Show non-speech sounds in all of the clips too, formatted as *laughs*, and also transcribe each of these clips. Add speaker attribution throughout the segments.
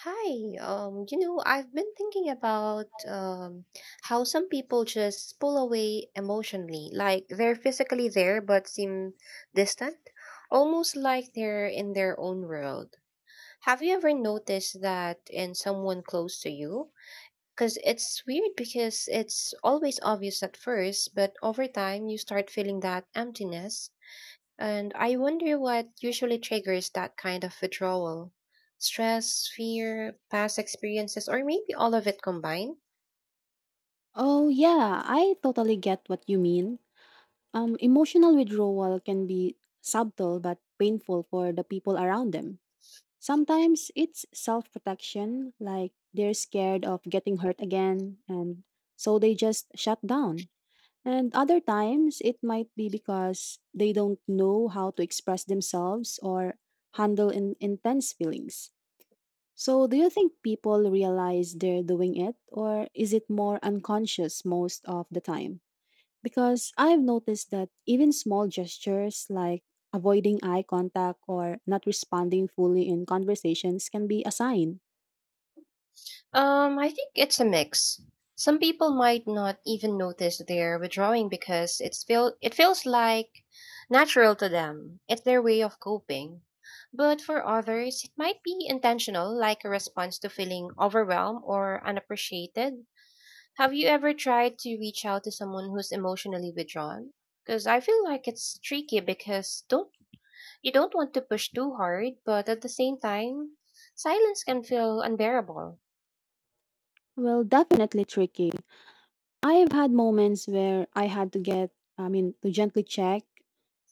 Speaker 1: Hi, I've been thinking about how some people just pull away emotionally, like they're physically there but seem distant, almost like they're in their own world. Have you ever noticed that in someone close to you? Because it's weird because it's always obvious at first, but over time you start feeling that emptiness and I wonder what usually triggers that kind of withdrawal stress, fear, past experiences, or maybe all of it combined?
Speaker 2: Oh, yeah, I totally get what you mean. Emotional withdrawal can be subtle but painful for the people around them. Sometimes it's self protection, like they're scared of getting hurt again, and so they just shut down. And other times it might be because they don't know how to express themselves or handle intense feelings. So, do you think people realize they're doing it, or is it more unconscious most of the time? Because I've noticed that even small gestures like avoiding eye contact or not responding fully in conversations can be a sign.
Speaker 1: I think it's a mix. Some people might not even notice they're withdrawing because it feels like natural to them. It's their way of coping. But for others, it might be intentional, like a response to feeling overwhelmed or unappreciated. Have you ever tried to reach out to someone who's emotionally withdrawn? Because I feel like it's tricky because don't you don't want to push too hard, but at the same time, silence can feel unbearable.
Speaker 2: Well, definitely tricky. I've had moments where I had to get, I mean, To gently check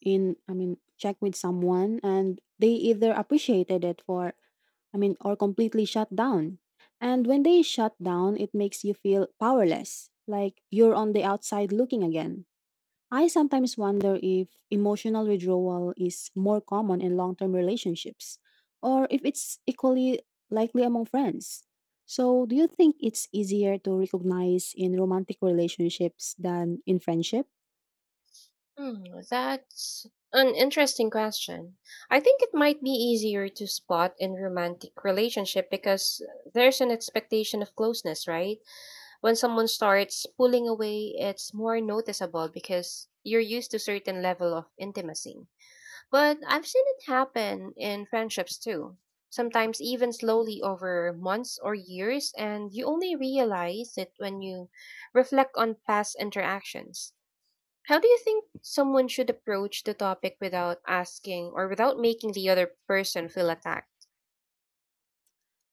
Speaker 2: in, I mean, check with someone and they either appreciated it for, I mean, or completely shut down. And when they shut down, it makes you feel powerless, like you're on the outside looking again. I sometimes wonder if emotional withdrawal is more common in long term relationships or if it's equally likely among friends. So, do you think it's easier to recognize in romantic relationships than in friendship?
Speaker 1: Hmm, that's an interesting question. I think it might be easier to spot in romantic relationship because there's an expectation of closeness, right? When someone starts pulling away, it's more noticeable because you're used to certain level of intimacy. But I've seen it happen in friendships too. Sometimes even slowly over months or years, and you only realize it when you reflect on past interactions. How do you think someone should approach the topic without asking or without making the other person feel attacked?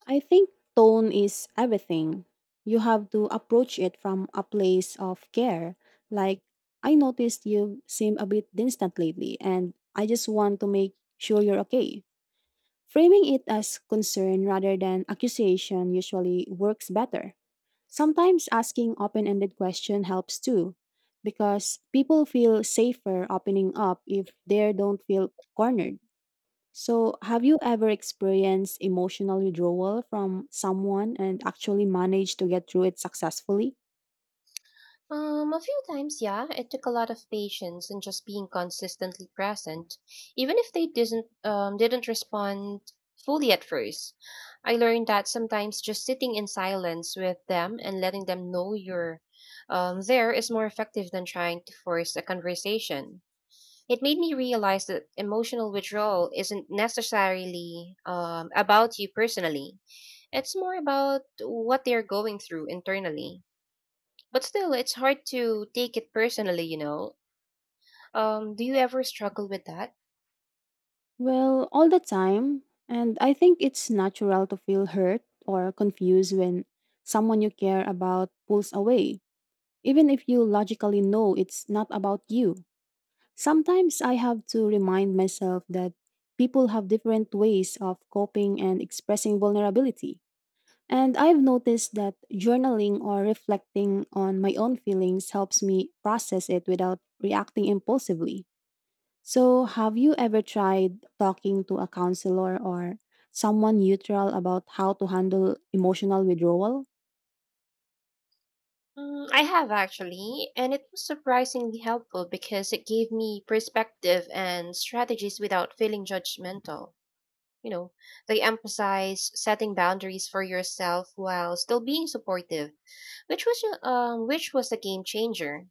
Speaker 2: I think tone is everything. You have to approach it from a place of care. Like, I noticed you seem a bit distant lately, and I just want to make sure you're okay. Framing it as concern rather than accusation usually works better. Sometimes asking open ended question helps too, because people feel safer opening up if they don't feel cornered. So, have you ever experienced emotional withdrawal from someone and actually managed to get through it successfully?
Speaker 1: A few times, yeah. It took a lot of patience and just being consistently present, even if they didn't respond fully at first. I learned that sometimes just sitting in silence with them and letting them know you're there is more effective than trying to force a conversation. It made me realize that emotional withdrawal isn't necessarily about you personally. It's more about what they're going through internally. But still, it's hard to take it personally, you know. Do you ever struggle with that?
Speaker 2: Well, all the time, and I think it's natural to feel hurt or confused when someone you care about pulls away even if you logically know it's not about you. Sometimes I have to remind myself that people have different ways of coping and expressing vulnerability. And I've noticed that journaling or reflecting on my own feelings helps me process it without reacting impulsively. So, have you ever tried talking to a counselor or someone neutral about how to handle emotional withdrawal?
Speaker 1: Mm, I have actually, and it was surprisingly helpful because it gave me perspective and strategies without feeling judgmental. You know, they emphasize setting boundaries for yourself while still being supportive which was which was a game changer.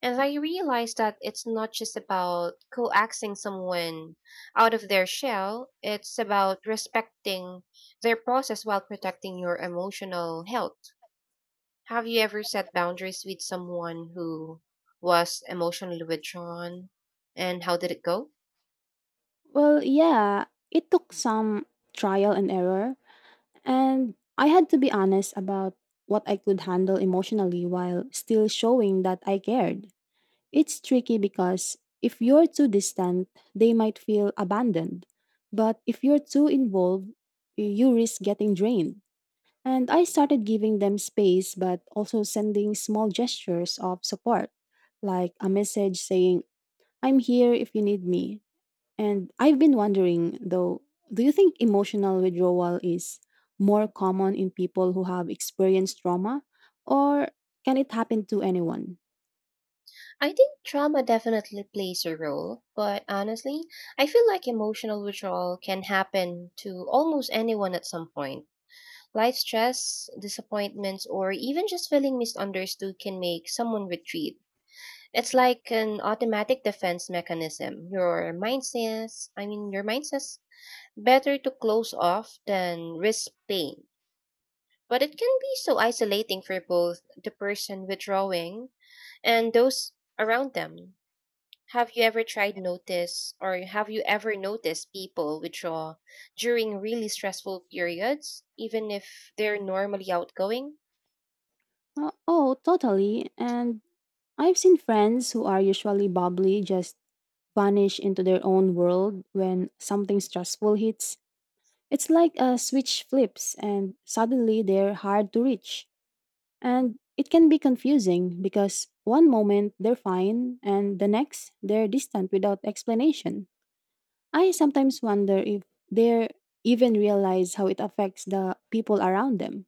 Speaker 1: And I realized that it's not just about coaxing someone out of their shell; it's about respecting their process while protecting your emotional health. Have you ever set boundaries with someone who was emotionally withdrawn, and how did it go?
Speaker 2: Well, yeah, it took some trial and error. And I had to be honest about what I could handle emotionally while still showing that I cared. It's tricky because if you're too distant, they might feel abandoned. But if you're too involved, you risk getting drained. And I started giving them space, but also sending small gestures of support, like a message saying, I'm here if you need me. And I've been wondering though, do you think emotional withdrawal is more common in people who have experienced trauma or can it happen to anyone?
Speaker 1: I think trauma definitely plays a role, but honestly, I feel like emotional withdrawal can happen to almost anyone at some point. Life stress, disappointments, or even just feeling misunderstood can make someone retreat. It's like an automatic defense mechanism. Your mind says, your mind says, better to close off than risk pain. But it can be so isolating for both the person withdrawing and those around them. Have you ever noticed people withdraw during really stressful periods, even if they're normally outgoing?
Speaker 2: Oh, totally. And I've seen friends who are usually bubbly just vanish into their own world when something stressful hits. It's like a switch flips and suddenly they're hard to reach. And it can be confusing because one moment they're fine and the next they're distant without explanation. I sometimes wonder if they even realize how it affects the people around them.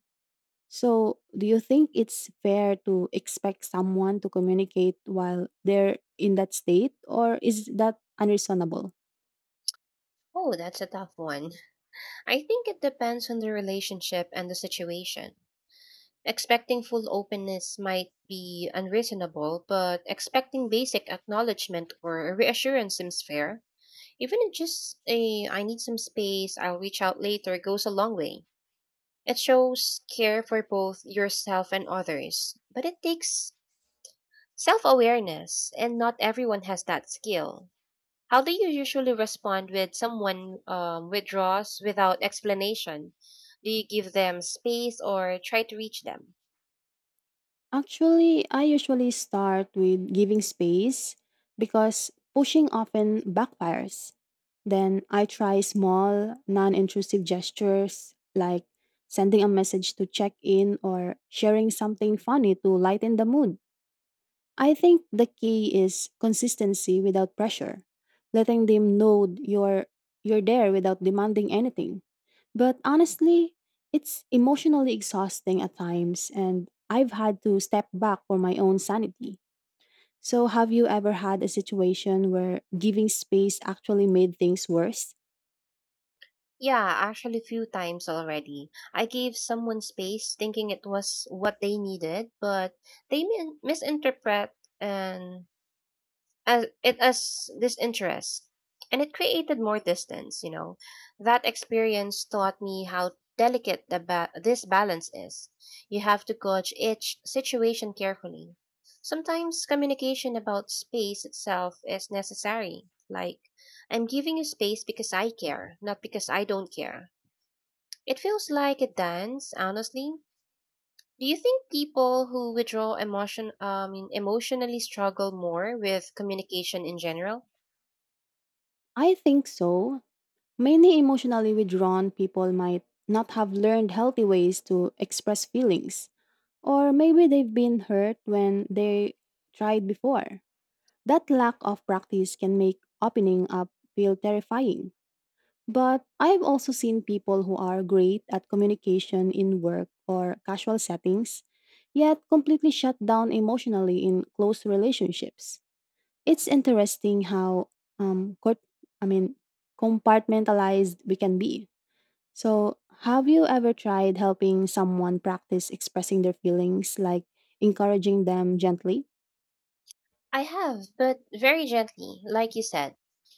Speaker 2: So, do you think it's fair to expect someone to communicate while they're in that state, or is that unreasonable?
Speaker 1: Oh, that's a tough one. I think it depends on the relationship and the situation. Expecting full openness might be unreasonable, but expecting basic acknowledgement or a reassurance seems fair. Even if just a I need some space, I'll reach out later goes a long way. It shows care for both yourself and others, but it takes self awareness, and not everyone has that skill. How do you usually respond when someone withdraws without explanation? Do you give them space or try to reach them?
Speaker 2: Actually, I usually start with giving space because pushing often backfires. Then I try small, non intrusive gestures like sending a message to check in or sharing something funny to lighten the mood. I think the key is consistency without pressure, letting them know you're there without demanding anything. But honestly, it's emotionally exhausting at times, and I've had to step back for my own sanity. So, have you ever had a situation where giving space actually made things worse?
Speaker 1: Yeah, actually, few times already. I gave someone space thinking it was what they needed, but they misinterpret and as it as disinterest and it created more distance, you know, that experience taught me how delicate this balance is. You have to gauge each situation carefully. Sometimes communication about space itself is necessary, like I'm giving you space because I care not because I don't care. It feels like a dance, honestly. Do you think people who withdraw emotion emotionally struggle more with communication in general?
Speaker 2: I think so. Many emotionally withdrawn people might not have learned healthy ways to express feelings, or maybe they've been hurt when they tried before. That lack of practice can make opening up feel terrifying. But I've also seen people who are great at communication in work or casual settings, yet completely shut down emotionally in close relationships. It's interesting how um cort- I mean compartmentalized we can be. So, have you ever tried helping someone practice expressing their feelings like encouraging them gently?
Speaker 1: I have, but very gently, like you said.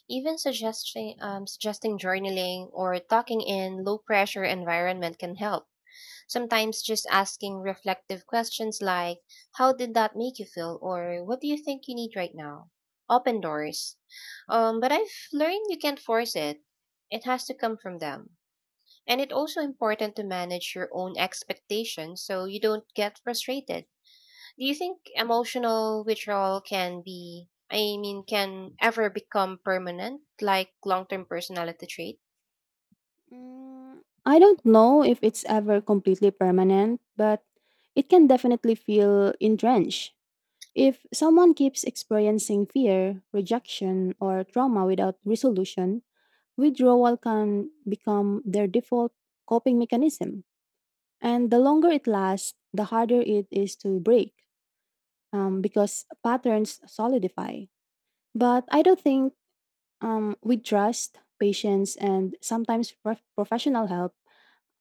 Speaker 1: Even suggesting journaling or talking in low pressure environment can help. Sometimes just asking reflective questions like how did that make you feel or what do you think you need right now? Open doors. But I've learned you can't force it. It has to come from them. And it's also important to manage your own expectations so you don't get frustrated. Do you think emotional withdrawal can be, I mean, can ever become permanent, like long term personality trait?
Speaker 2: Mm, I don't know if it's ever completely permanent, but it can definitely feel entrenched. If someone keeps experiencing fear, rejection, or trauma without resolution, withdrawal can become their default coping mechanism. And the longer it lasts, the harder it is to break because patterns solidify. But I don't think with trust, patience, and sometimes professional help,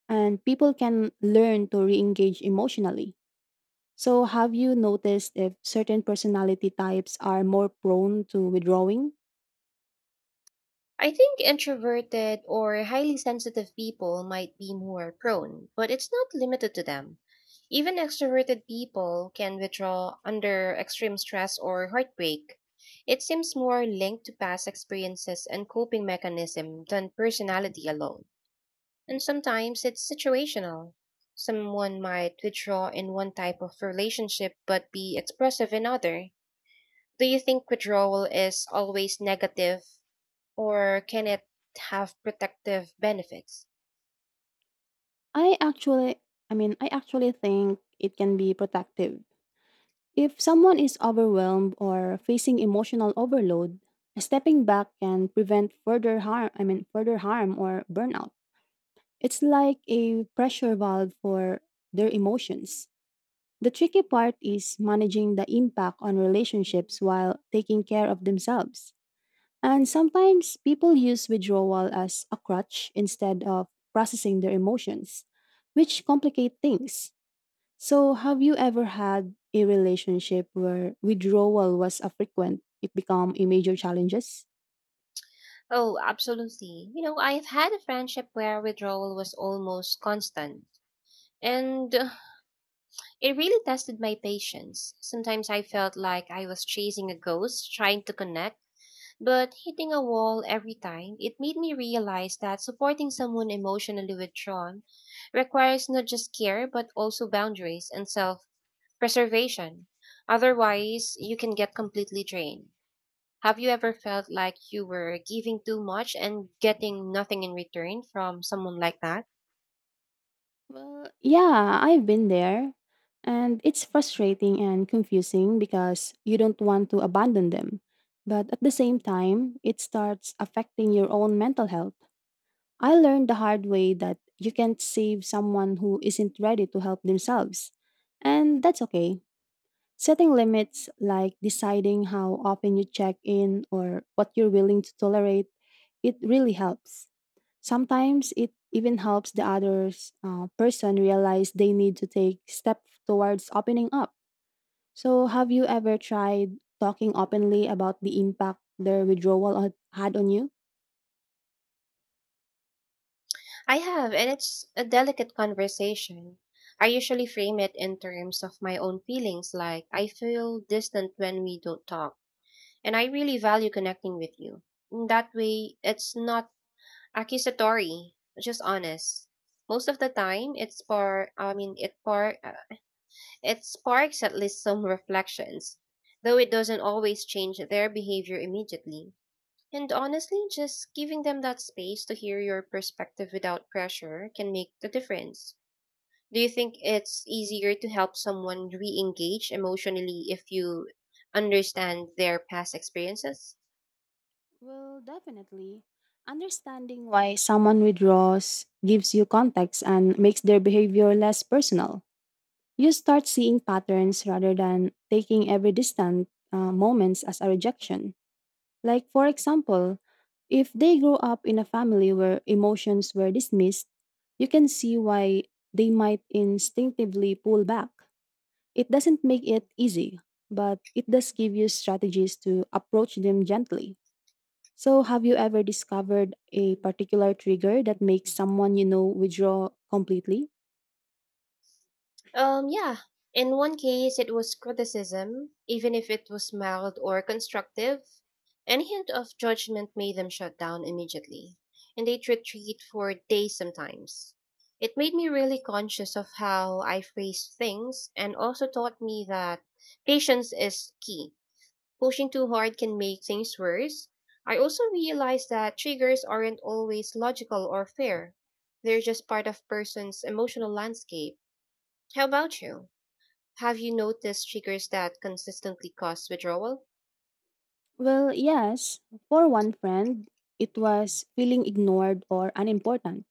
Speaker 2: and people can learn to re engage emotionally. So, have you noticed if certain personality types are more prone to withdrawing?
Speaker 1: I think introverted or highly sensitive people might be more prone, but it's not limited to them. Even extroverted people can withdraw under extreme stress or heartbreak. It seems more linked to past experiences and coping mechanism than personality alone. And sometimes it's situational. Someone might withdraw in one type of relationship but be expressive in other. Do you think withdrawal is always negative or can it have protective benefits?
Speaker 2: I actually, I actually think it can be protective. If someone is overwhelmed or facing emotional overload, stepping back can prevent further harm or burnout. It's like a pressure valve for their emotions. The tricky part is managing the impact on relationships while taking care of themselves. And sometimes people use withdrawal as a crutch instead of processing their emotions, which complicate things. So, have you ever had a relationship where withdrawal was a frequent, it became a major challenges?
Speaker 1: Oh, absolutely. You know, I've had a friendship where withdrawal was almost constant. And *sighs* it really tested my patience. Sometimes I felt like I was chasing a ghost, trying to connect. But hitting a wall every time, it made me realize that supporting someone emotionally withdrawn requires not just care but also boundaries and self preservation. Otherwise, you can get completely drained. Have you ever felt like you were giving too much and getting nothing in return from someone like that?
Speaker 2: Well, yeah, I've been there. And it's frustrating and confusing because you don't want to abandon them. But at the same time, it starts affecting your own mental health. I learned the hard way that you can't save someone who isn't ready to help themselves. And that's okay. Setting limits, like deciding how often you check in or what you're willing to tolerate, it really helps. Sometimes it even helps the other person realize they need to take steps towards opening up. So, have you ever tried talking openly about the impact their withdrawal had had on you?
Speaker 1: I have, and it's a delicate conversation. I usually frame it in terms of my own feelings, like I feel distant when we don't talk. And I really value connecting with you. In that way, it's not accusatory, just honest. Most of the time, it spark, I mean, it par, it sparks at least some *laughs* reflections, though it doesn't always change their behavior immediately. And honestly, just giving them that space to hear your perspective without pressure can make the difference. Do you think it's easier to help someone re-engage emotionally if you understand their past experiences?
Speaker 2: Well, definitely. Understanding why someone withdraws gives you context and makes their behavior less personal. You start seeing patterns rather than taking every distant moments as a rejection. Like, for example, if they grow up in a family where emotions were dismissed, you can see why they might instinctively pull back. It doesn't make it easy, but it does give you strategies to approach them gently. So, have you ever discovered a particular trigger that makes someone you know withdraw completely?
Speaker 1: Yeah. In one case, it was criticism, even if it was mild or constructive. Any hint of judgment made them shut down immediately, and they'd retreat for days sometimes. It made me really conscious of how I phrase things and also taught me that patience is key. Pushing too hard can make things worse. I also realized that triggers aren't always logical or fair. They're just part of person's emotional landscape. How about you? Have you noticed triggers that consistently cause withdrawal?
Speaker 2: Well, yes. For one friend, it was feeling ignored or unimportant,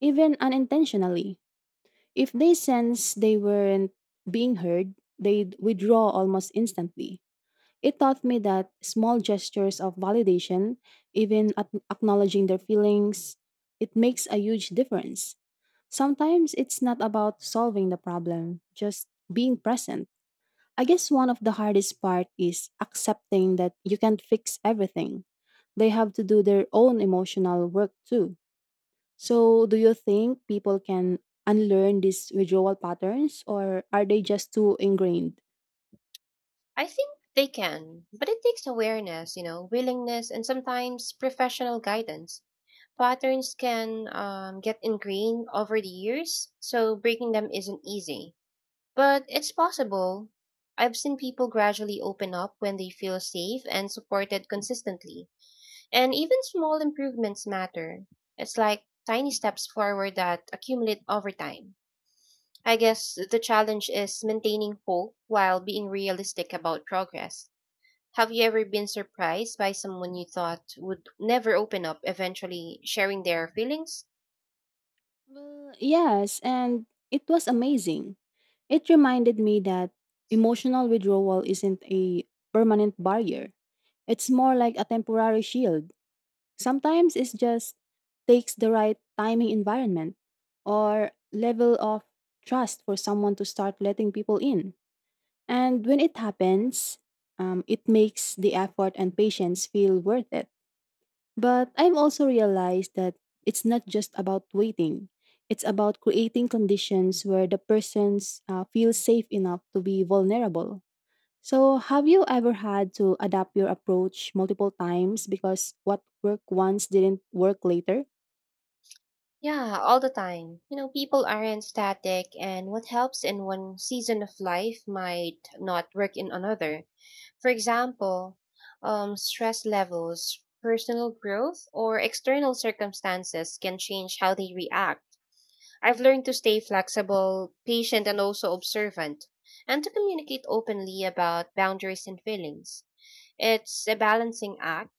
Speaker 2: even unintentionally. If they sense they weren't being heard, they'd withdraw almost instantly. It taught me that small gestures of validation, even acknowledging their feelings, it makes a huge difference. Sometimes it's not about solving the problem, just being present. I guess one of the hardest part is accepting that you can't fix everything. They have to do their own emotional work too. So, do you think people can unlearn these withdrawal patterns or are they just too ingrained?
Speaker 1: I think they can, but it takes awareness, you know, willingness, and sometimes professional guidance. Patterns can get ingrained over the years, so breaking them isn't easy. But it's possible. I've seen people gradually open up when they feel safe and supported consistently. And even small improvements matter. It's like tiny steps forward that accumulate over time. I guess the challenge is maintaining hope while being realistic about progress. Have you ever been surprised by someone you thought would never open up eventually sharing their feelings?
Speaker 2: Well, yes, and it was amazing. It reminded me that emotional withdrawal isn't a permanent barrier. It's more like a temporary shield. Sometimes it just takes the right timing environment or level of trust for someone to start letting people in. And when it happens, it makes the effort and patience feel worth it. But I've also realized that it's not just about waiting. It's about creating conditions where the persons feel safe enough to be vulnerable. So, have you ever had to adapt your approach multiple times because what worked once didn't work later?
Speaker 1: Yeah, all the time. You know, people aren't static, and what helps in one season of life might not work in another. For example, stress levels, personal growth, or external circumstances can change how they react. I've learned to stay flexible, patient, and also observant, and to communicate openly about boundaries and feelings. It's a balancing act,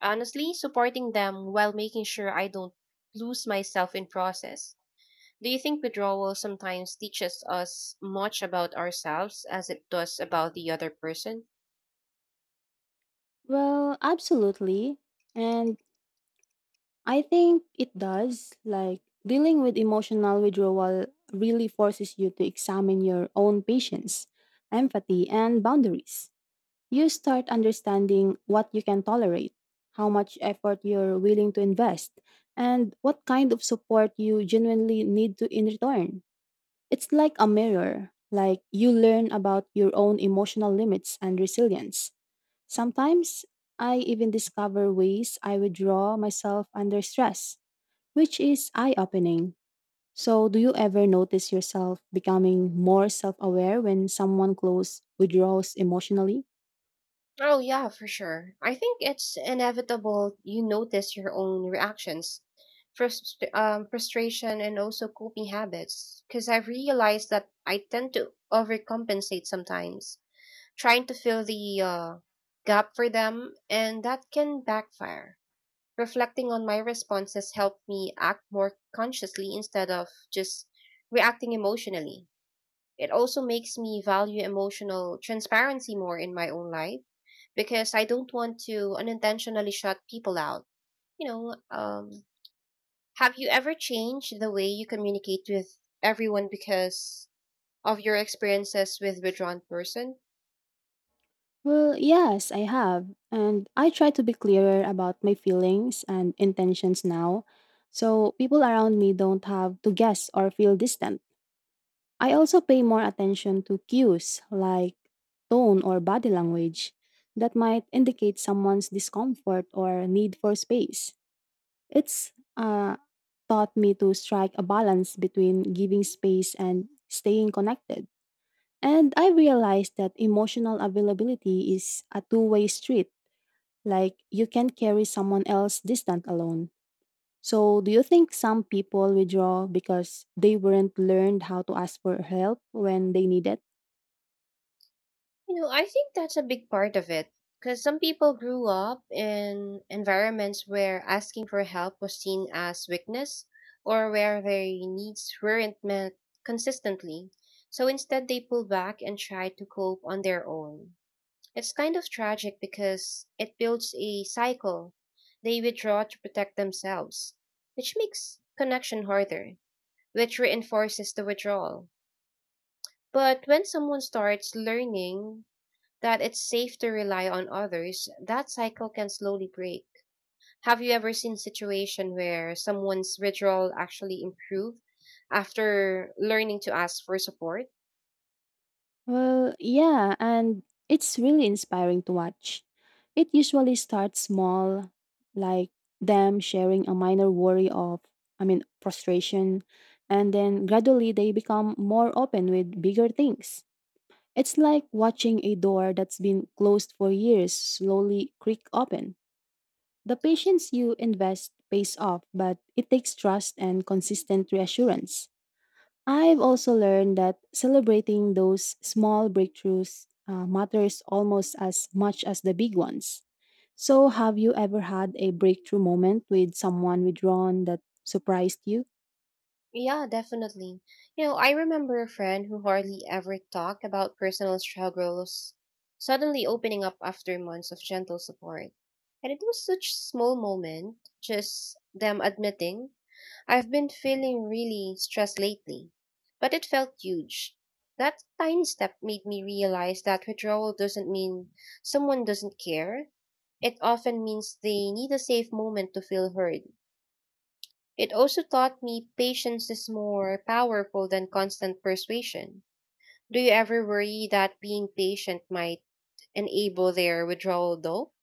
Speaker 1: honestly, supporting them while making sure I don't lose myself in process. Do you think withdrawal sometimes teaches us much about ourselves as it does about the other person?
Speaker 2: Well, absolutely. And I think it does. Like, dealing with emotional withdrawal really forces you to examine your own patience, empathy, and boundaries. You start understanding what you can tolerate, how much effort you're willing to invest, and what kind of support you genuinely need to in return. It's like a mirror, like you learn about your own emotional limits and resilience. Sometimes I even discover ways I withdraw myself under stress, which is eye opening. So, do you ever notice yourself becoming more self aware when someone close withdraws emotionally?
Speaker 1: Oh, yeah, for sure. I think it's inevitable you notice your own reactions, frustration, and also coping habits. Because I've realized that I tend to overcompensate sometimes, trying to fill the gap for them, and that can backfire. Reflecting on my responses helped me act more consciously instead of just reacting emotionally. It also makes me value emotional transparency more in my own life because I don't want to unintentionally shut people out. You know, um, have you ever changed the way you communicate with everyone because of your experiences with withdrawn person?
Speaker 2: Well, yes, I have. And I try to be clearer about my feelings and intentions now, so people around me don't have to guess or feel distant. I also pay more attention to cues like tone or body language that might indicate someone's discomfort or need for space. It's taught me to strike a balance between giving space and staying connected. And I realized that emotional availability is a two-way street like you can't carry someone else distant alone. So do you think some people withdraw because they weren't learned how to ask for help when they need it?
Speaker 1: You know, I think that's a big part of it because some people grew up in environments where asking for help was seen as weakness or where their needs weren't met consistently. So instead, they pull back and try to cope on their own. It's kind of tragic because it builds a cycle. They withdraw to protect themselves, which makes connection harder, which reinforces the withdrawal. But when someone starts learning that it's safe to rely on others, that cycle can slowly break. Have you ever seen situation where someone's withdrawal actually improved after learning to ask for support?
Speaker 2: Well, yeah, and it's really inspiring to watch. It usually starts small, like them sharing a minor worry of, I mean, frustration, and then gradually they become more open with bigger things. It's like watching a door that's been closed for years slowly creak open. The patience you invest pays off, but it takes trust and consistent reassurance. I've also learned that celebrating those small breakthroughs matters almost as much as the big ones. So, have you ever had a breakthrough moment with someone withdrawn that surprised you?
Speaker 1: Yeah, definitely. You know, I remember a friend who hardly ever talked about personal struggles suddenly opening up after months of gentle support. And it was such small moment, just them admitting, I've been feeling really stressed lately. But it felt huge. That tiny step made me realize that withdrawal doesn't mean someone doesn't care. It often means they need a safe moment to feel heard. It also taught me patience is more powerful than constant persuasion. Do you ever worry that being patient might enable their withdrawal though?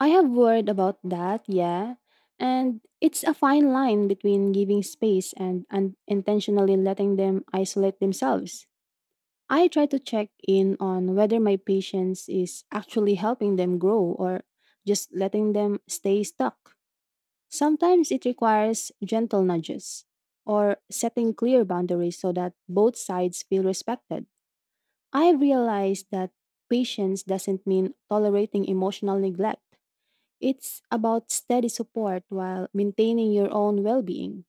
Speaker 2: I have worried about that, yeah. And it's a fine line between giving space and intentionally letting them isolate themselves. I try to check in on whether my patience is actually helping them grow or just letting them stay stuck. Sometimes it requires gentle nudges or setting clear boundaries so that both sides feel respected. I realized that patience doesn't mean tolerating emotional neglect. It's about steady support while maintaining your own well-being.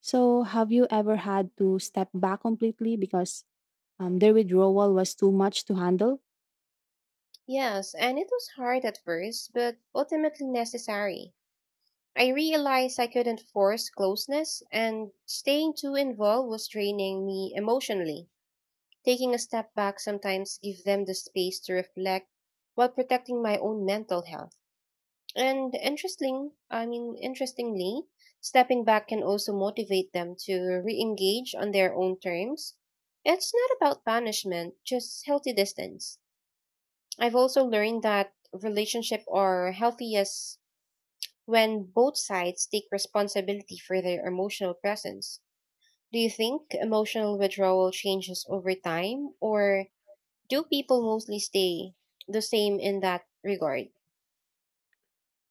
Speaker 2: So, have you ever had to step back completely because their withdrawal was too much to handle?
Speaker 1: Yes, and it was hard at first, but ultimately necessary. I realized I couldn't force closeness, and staying too involved was draining me emotionally. Taking a step back sometimes gives them the space to reflect while protecting my own mental health. And interesting, I mean, Interestingly, stepping back can also motivate them to re-engage on their own terms. It's not about punishment, just healthy distance. I've also learned that relationships are healthiest when both sides take responsibility for their emotional presence. Do you think emotional withdrawal changes over time, or do people mostly stay the same in that regard?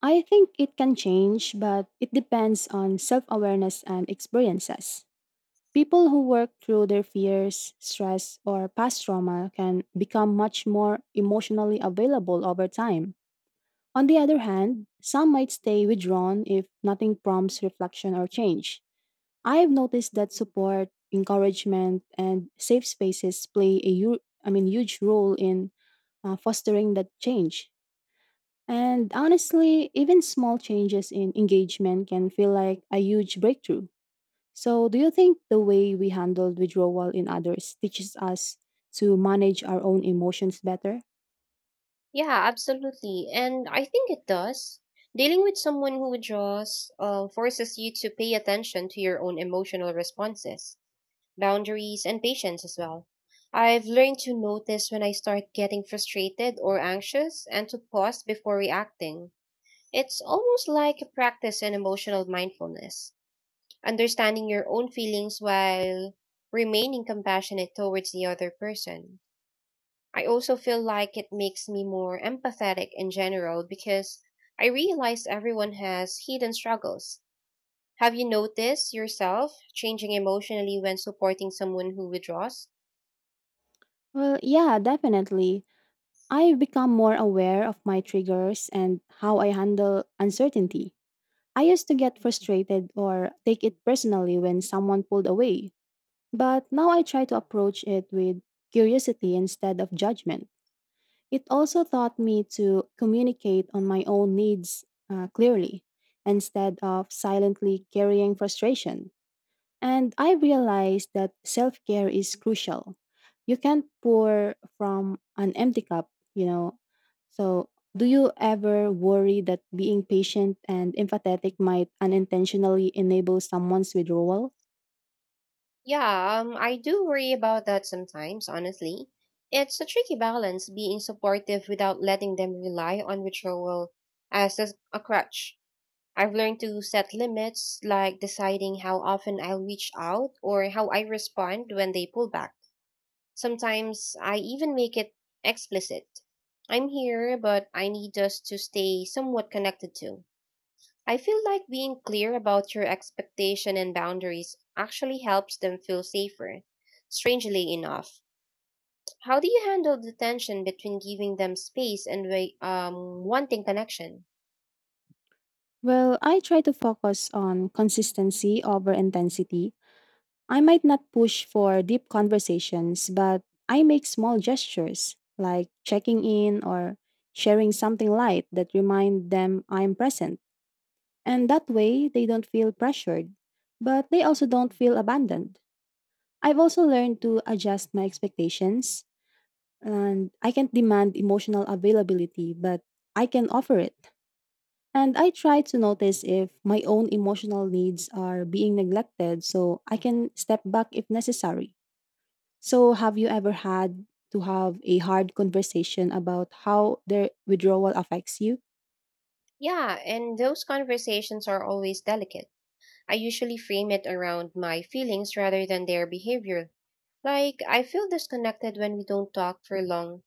Speaker 2: I think it can change, but it depends on self awareness and experiences. People who work through their fears, stress, or past trauma can become much more emotionally available over time. On the other hand, some might stay withdrawn if nothing prompts reflection or change. I've noticed that support, encouragement, and safe spaces play a hu- I mean, huge role in fostering that change. And honestly, even small changes in engagement can feel like a huge breakthrough. So, do you think the way we handled withdrawal in others teaches us to manage our own emotions better?
Speaker 1: Yeah, absolutely. And I think it does. Dealing with someone who withdraws forces you to pay attention to your own emotional responses, boundaries, and patience as well. I've learned to notice when I start getting frustrated or anxious and to pause before reacting. It's almost like a practice in emotional mindfulness, understanding your own feelings while remaining compassionate towards the other person. I also feel like it makes me more empathetic in general because I realize everyone has hidden struggles. Have you noticed yourself changing emotionally when supporting someone who withdraws?
Speaker 2: Well, yeah, definitely. I've become more aware of my triggers and how I handle uncertainty. I used to get frustrated or take it personally when someone pulled away, but now I try to approach it with curiosity instead of judgment. It also taught me to communicate on my own needs clearly instead of silently carrying frustration. And I realized that self care is crucial. You can't pour from an empty cup, you know. So, do you ever worry that being patient and empathetic might unintentionally enable someone's withdrawal?
Speaker 1: Yeah, I do worry about that sometimes, honestly. It's a tricky balance being supportive without letting them rely on withdrawal as a crutch. I've learned to set limits, like deciding how often I'll reach out or how I respond when they pull back. Sometimes I even make it explicit. I'm here, but I need us to stay somewhat connected too. I feel like being clear about your expectation and boundaries actually helps them feel safer. Strangely enough, how do you handle the tension between giving them space and wanting connection?
Speaker 2: Well, I try to focus on consistency over intensity. I might not push for deep conversations, but I make small gestures like checking in or sharing something light that remind them I'm present. And that way, they don't feel pressured, but they also don't feel abandoned. I've also learned to adjust my expectations, and I can't demand emotional availability, but I can offer it. And I try to notice if my own emotional needs are being neglected so I can step back if necessary. So, have you ever had to have a hard conversation about how their withdrawal affects you?
Speaker 1: Yeah, and those conversations are always delicate. I usually frame it around my feelings rather than their behavior. Like, I feel disconnected when we don't talk for long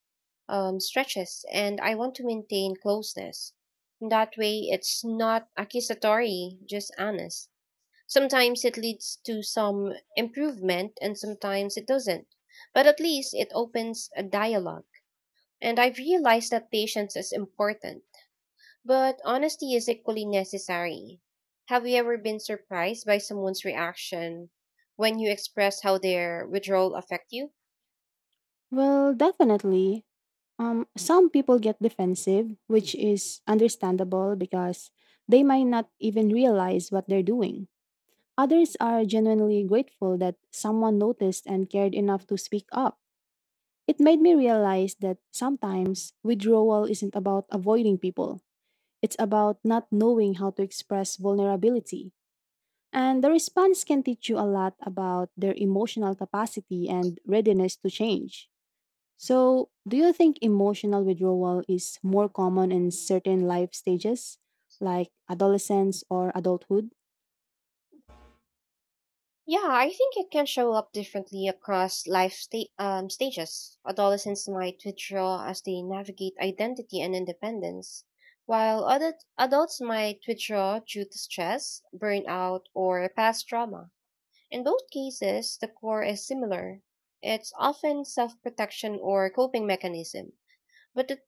Speaker 1: stretches, and I want to maintain closeness. That way, it's not accusatory, just honest. Sometimes it leads to some improvement, and sometimes it doesn't. But at least it opens a dialogue. And I've realized that patience is important but honesty is equally necessary. Have you ever been surprised by someone's reaction when you express how their withdrawal affect you?
Speaker 2: Well, definitely. Some people get defensive, which is understandable because they might not even realize what they're doing. Others are genuinely grateful that someone noticed and cared enough to speak up. It made me realize that sometimes withdrawal isn't about avoiding people, it's about not knowing how to express vulnerability. And the response can teach you a lot about their emotional capacity and readiness to change. So, do you think emotional withdrawal is more common in certain life stages, like adolescence or adulthood?
Speaker 1: Yeah, I think it can show up differently across life stages. Adolescents might withdraw as they navigate identity and independence, while other adults might withdraw due to stress, burnout, or past trauma. In both cases, the core is similar. It's often self-protection or coping mechanism. But the,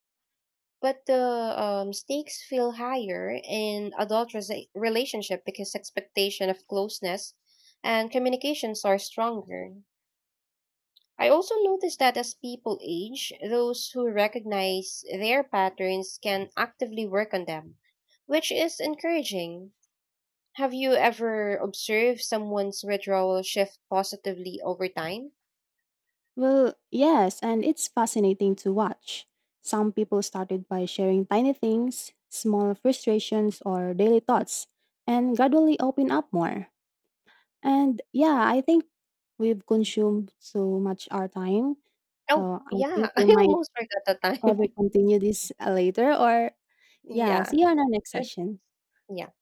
Speaker 1: but the stakes feel higher in adult relationship because expectation of closeness and communications are stronger. I also noticed that as people age, those who recognize their patterns can actively work on them, which is encouraging. Have you ever observed someone's withdrawal shift positively over time?
Speaker 2: Well, yes, and it's fascinating to watch. Some people started by sharing tiny things, small frustrations, or daily thoughts, and gradually open up more. And yeah, I think we've consumed so much our time.
Speaker 1: Oh,
Speaker 2: So I
Speaker 1: yeah.
Speaker 2: think
Speaker 1: *laughs* I
Speaker 2: we might
Speaker 1: almost forgot the time.
Speaker 2: ever continue this later or
Speaker 1: *laughs*
Speaker 2: yeah,
Speaker 1: Yeah.
Speaker 2: see you on our next
Speaker 1: Sure.
Speaker 2: session.
Speaker 1: Yeah.